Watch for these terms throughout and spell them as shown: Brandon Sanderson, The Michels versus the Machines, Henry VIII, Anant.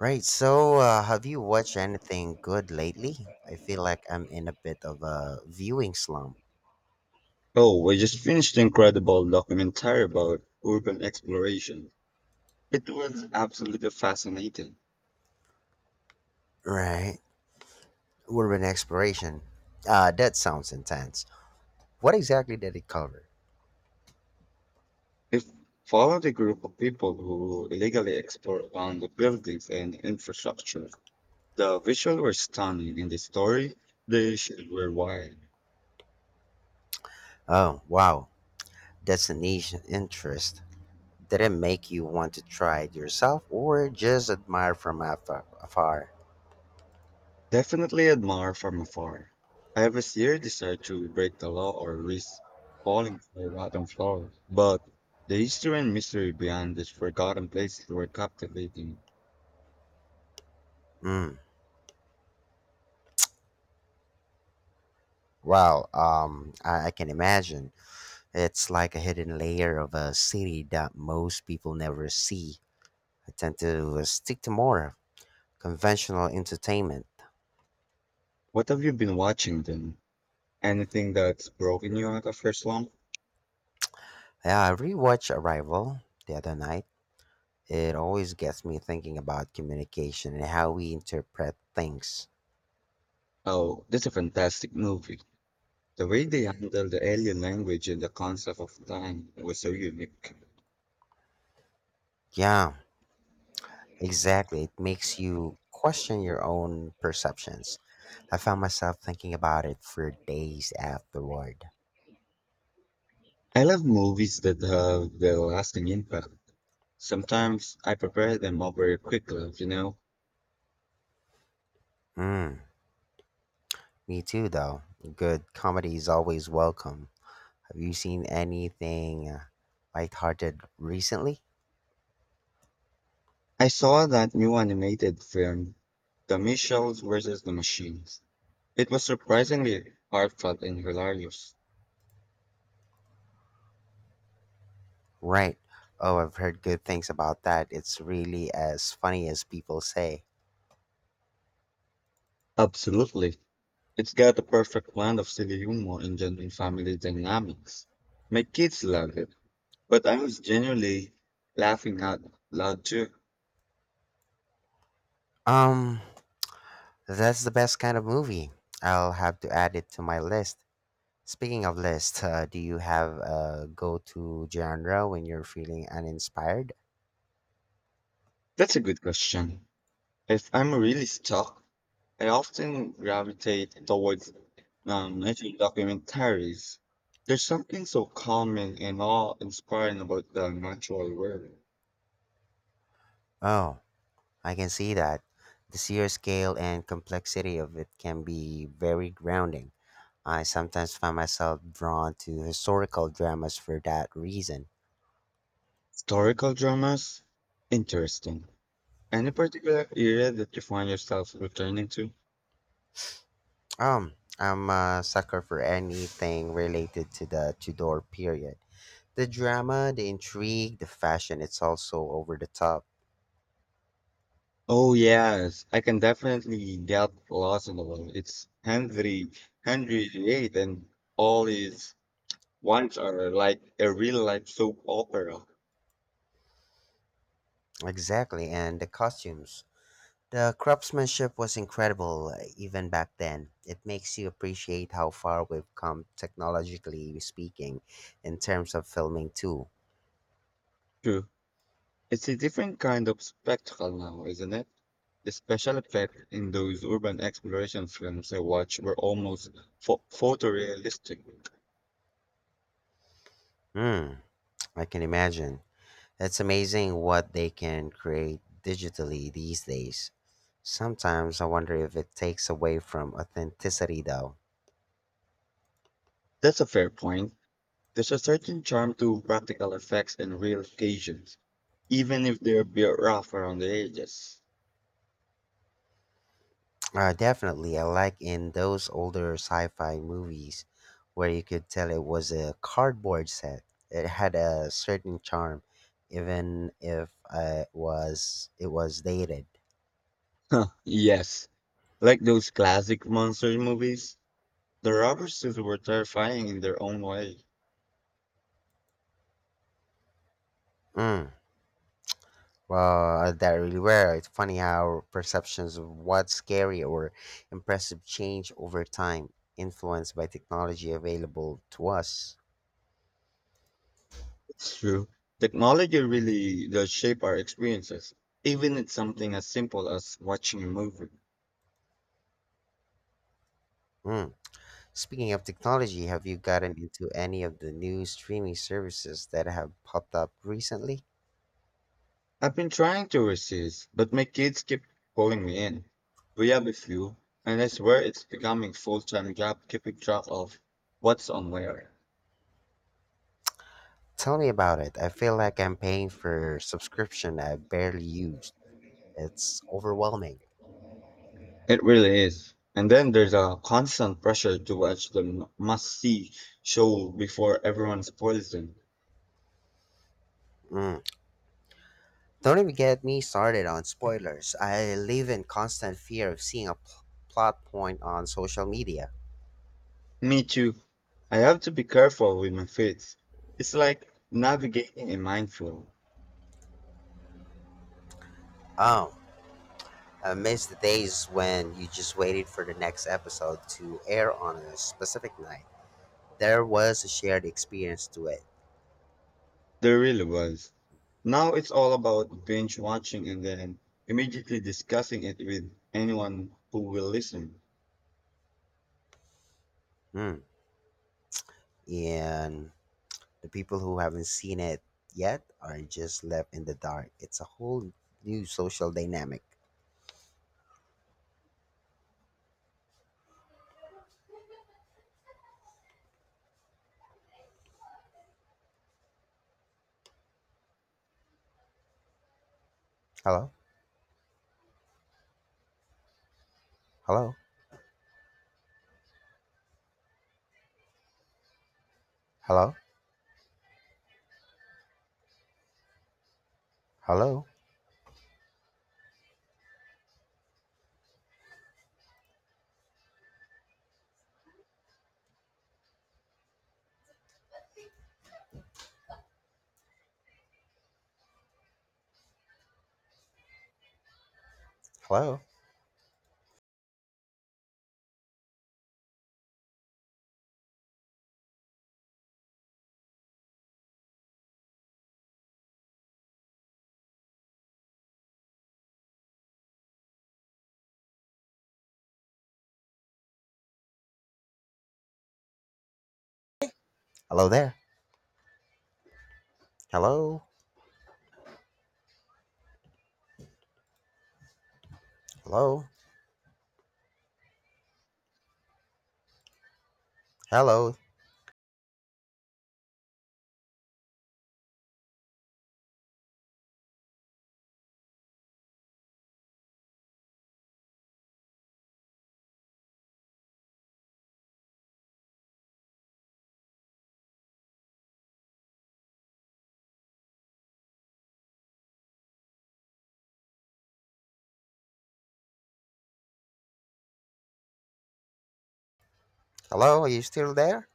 Right, have you watched anything good lately? I feel like I'm in a bit of a viewing slump. Oh, we just finished an incredible documentary about urban exploration. It was absolutely fascinating. Right, urban exploration. That sounds intense. What exactly did it cover? It followed a group of people who illegally explored around the buildings and infrastructure. The visuals were stunning and the story they shared were wild. Oh, wow, that's a niche interest. Did it make you want to try it yourself or just admire from afar? Definitely admire from afar. I have a serious desire to break the law or risk falling to the rotten floor, but the history and mystery behind these forgotten places were captivating. Hmm. Well, I can imagine. It's like a hidden layer of a city that most people never see. I tend to stick to more conventional entertainment. What have you been watching then? Anything that's broken you out of your slump? Yeah, I rewatched Arrival the other night. It always gets me thinking about communication and how we interpret things. Oh, that's a fantastic movie. The way they handled the alien language and the concept of time was so unique. Yeah, exactly. It makes you question your own perceptions. I found myself thinking about it for days afterward. I love movies that have the lasting impact. Sometimes I prepare them over quickly. Mm, me too, though. Good comedy is always welcome. Have you seen anything lighthearted recently? I saw that new animated film, The Michels versus the Machines. It was surprisingly heartfelt and hilarious. Right. Oh, I've heard good things about that. It's really as funny as people say. Absolutely. It's got the perfect blend of silly humor and genuine family dynamics. My kids loved it, but I was genuinely laughing out loud too. Um, that's the best kind of movie. I'll have to add it to my list. Speaking of list, do you have a go-to genre when you're feeling uninspired? That's a good question. If I'm really stuck, I often gravitate towards nature documentaries. There's something so calming and awe-inspiring about the natural world. Oh, I can see that. The sheer scale and complexity of it can be very grounding. I sometimes find myself drawn to historical dramas for that reason. Historical dramas? Interesting. Any particular era that you find yourself returning to? Um, I'm a sucker for anything related to the Tudor period. The drama, the intrigue, the fashion, it's also over the top. Oh yes, I can definitely get lost in the world. It's Henry VIII, and all his ones are like a real life soap opera. Exactly, and the costumes. The craftsmanship was incredible even back then. It makes you appreciate how far we've come technologically speaking in terms of filming too. True, it's a different kind of spectacle now, isn't it? The special effects in those urban exploration films I watched were almost photorealistic. Hmm, I can imagine. It's amazing what they can create digitally these days. Sometimes I wonder if it takes away from authenticity though. That's a fair point. There's a certain charm to practical effects and real occasions, even if they're a bit rough around the edges. Definitely, I like in those older sci fi movies where you could tell it was a cardboard set. It had a certain charm, even if it was dated. Huh? Yes, like those classic monster movies, the rubber suits were terrifying in their own way. Mm. That really were. It's funny how perceptions of what's scary or impressive change over time, influenced by technology available to us. It's true. Technology really does shape our experiences, even in something as simple as watching a movie. Mm. Speaking of technology, have you gotten into any of the new streaming services that have popped up recently? I've been trying to resist, but my kids keep pulling me in. We have a few, and I swear it's becoming full-time job keeping track of what's on where. Tell me about it. I feel like I'm paying for subscription I barely used. It's overwhelming. It really is. And then there's a constant pressure to watch the must-see show before everyone spoils them. Mm. Don't even get me started on spoilers. I live in constant fear of seeing a plot point on social media. Me too. I have to be careful with my faith. It's like navigating a minefield. Oh, I miss the days when you just waited for the next episode to air on a specific night. There was a shared experience to it. There really was. Now it's all about binge watching and then immediately discussing it with anyone who will listen. Hmm. And the people who haven't seen it yet are just left in the dark. It's a whole new social dynamic. Hello? Hello? Hello? Hello? Hello? Hello there? Hello? Hello? Hello? Hello, are you still there?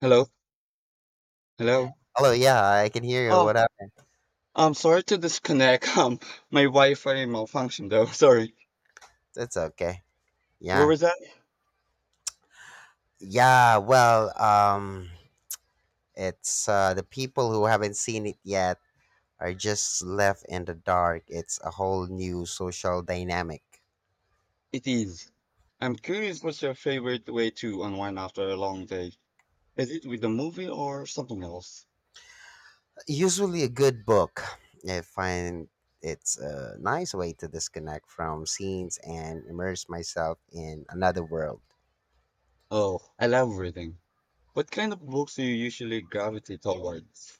Hello? Hello? Hello, yeah, I can hear you. Oh, What up? I'm sorry to disconnect. My Wi-Fi malfunctioned though. Sorry. It's okay. Where Yeah. was that? Yeah, well, it's the people who haven't seen it yet are just left in the dark. It's a whole new social dynamic. It is. I'm curious what's your favorite way to unwind after a long day? Is it with a movie or something else? Usually a good book. I find it's a nice way to disconnect from scenes and immerse myself in another world. Oh, I love reading. What kind of books do you usually gravitate towards?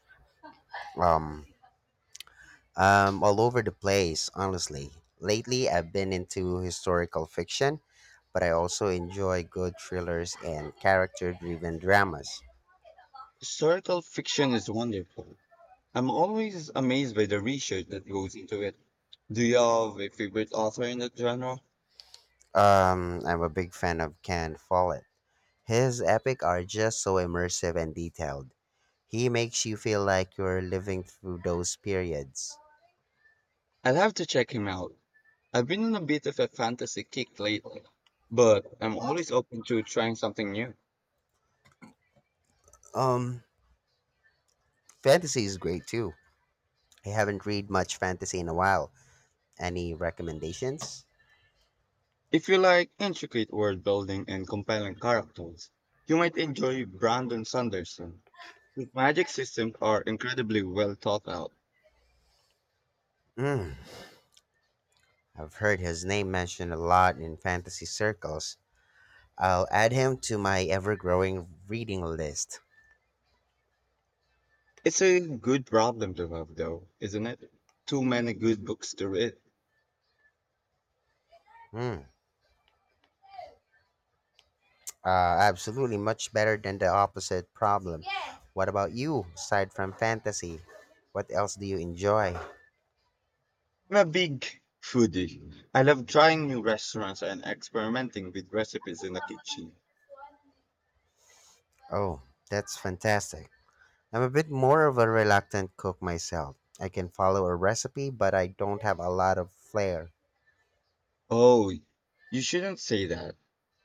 Um all over the place, honestly. Lately, I've been into historical fiction, but I also enjoy good thrillers and character driven dramas. Historical fiction is wonderful. I'm always amazed by the research that goes into it. Do you have a favorite author in that genre? I'm a big fan of Ken Follett. His epic are just so immersive and detailed. He makes you feel like you're living through those periods. I'll have to check him out. I've been on a bit of a fantasy kick lately, but I'm always open to trying something new. Um, Fantasy is great too. I haven't read much fantasy in a while. Any recommendations? If you like intricate world building and compelling characters, you might enjoy Brandon Sanderson. His magic systems are incredibly well thought out. Mm, I've heard his name mentioned a lot in fantasy circles. I'll add him to my ever growing reading list. It's a good problem to have, though, isn't it? Too many good books to read. Hmm. Absolutely, much better than the opposite problem. What about you, aside from fantasy? What else do you enjoy? I'm a big foodie. I love trying new restaurants and experimenting with recipes in the kitchen. Oh, that's fantastic. I'm a bit more of a reluctant cook myself. I can follow a recipe, but I don't have a lot of flair. Oh, you shouldn't say that.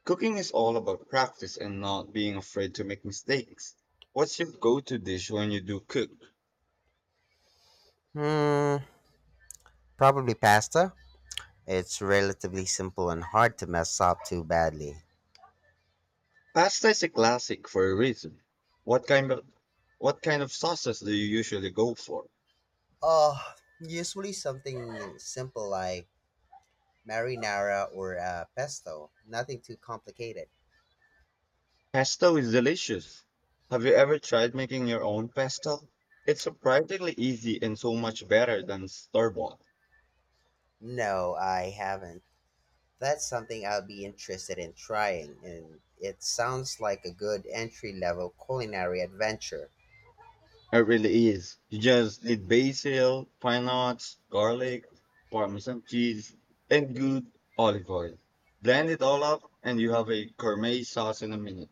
Cooking is all about practice and not being afraid to make mistakes. What's your go to dish when you do cook? Hmm, probably pasta. It's relatively simple and hard to mess up too badly. Pasta is a classic for a reason. What kind of what kind of sauces do you usually go for? Oh, usually something simple like marinara or pesto. Nothing too complicated. Pesto is delicious. Have you ever tried making your own pesto? It's surprisingly easy and so much better than store bought. No, I haven't. That's something I'll be interested in trying, and it sounds like a good entry level culinary adventure. It really is. You just need basil, pine nuts, garlic, parmesan cheese, and good olive oil. Blend it all up, and you have a gourmet sauce in a minute.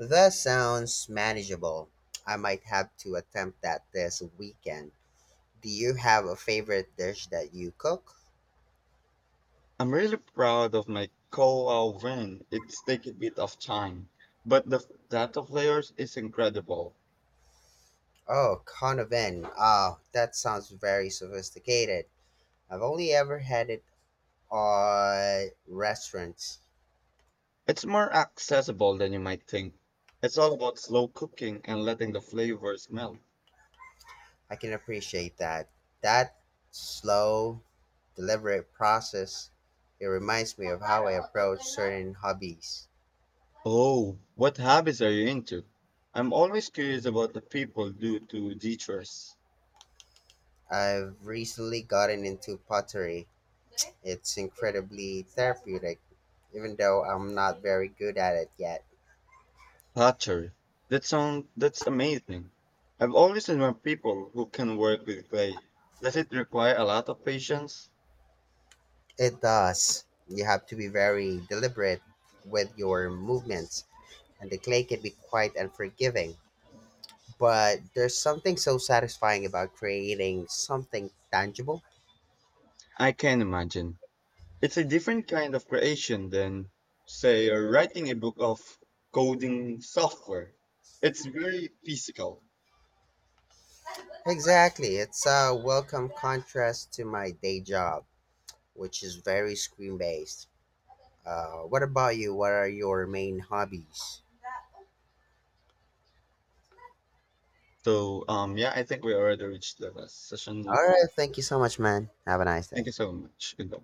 That sounds manageable. I might have to attempt that this weekend. Do you have a favorite dish that you cook? I'm really proud of my koa win. It's taken a bit of time, but the data of layers is incredible. Oh, conoven. Oh, that sounds very sophisticated. I've only ever had it on restaurants. It's more accessible than you might think. It's all about slow cooking and letting the flavors melt. I can appreciate that. That slow, deliberate process, it reminds me of how I approach certain hobbies. Oh, what hobbies are you into? I'm always curious about the people do to teachers. I've recently gotten into pottery. It's incredibly therapeutic, even though I'm not very good at it yet. Pottery. That's amazing. I've always admired people who can work with clay. Does it require a lot of patience? It does. You have to be very deliberate with your movements, and the clay can be quite unforgiving. But there's something so satisfying about creating something tangible. I can imagine. It's a different kind of creation than, say, writing a book of coding software. It's very physical. Exactly. It's a welcome contrast to my day job, which is very screen based. What about you? What are your main hobbies? So I think we already reached the last session. All right. Thank you so much, man. Have a nice Thank day. you so much. Goodbye.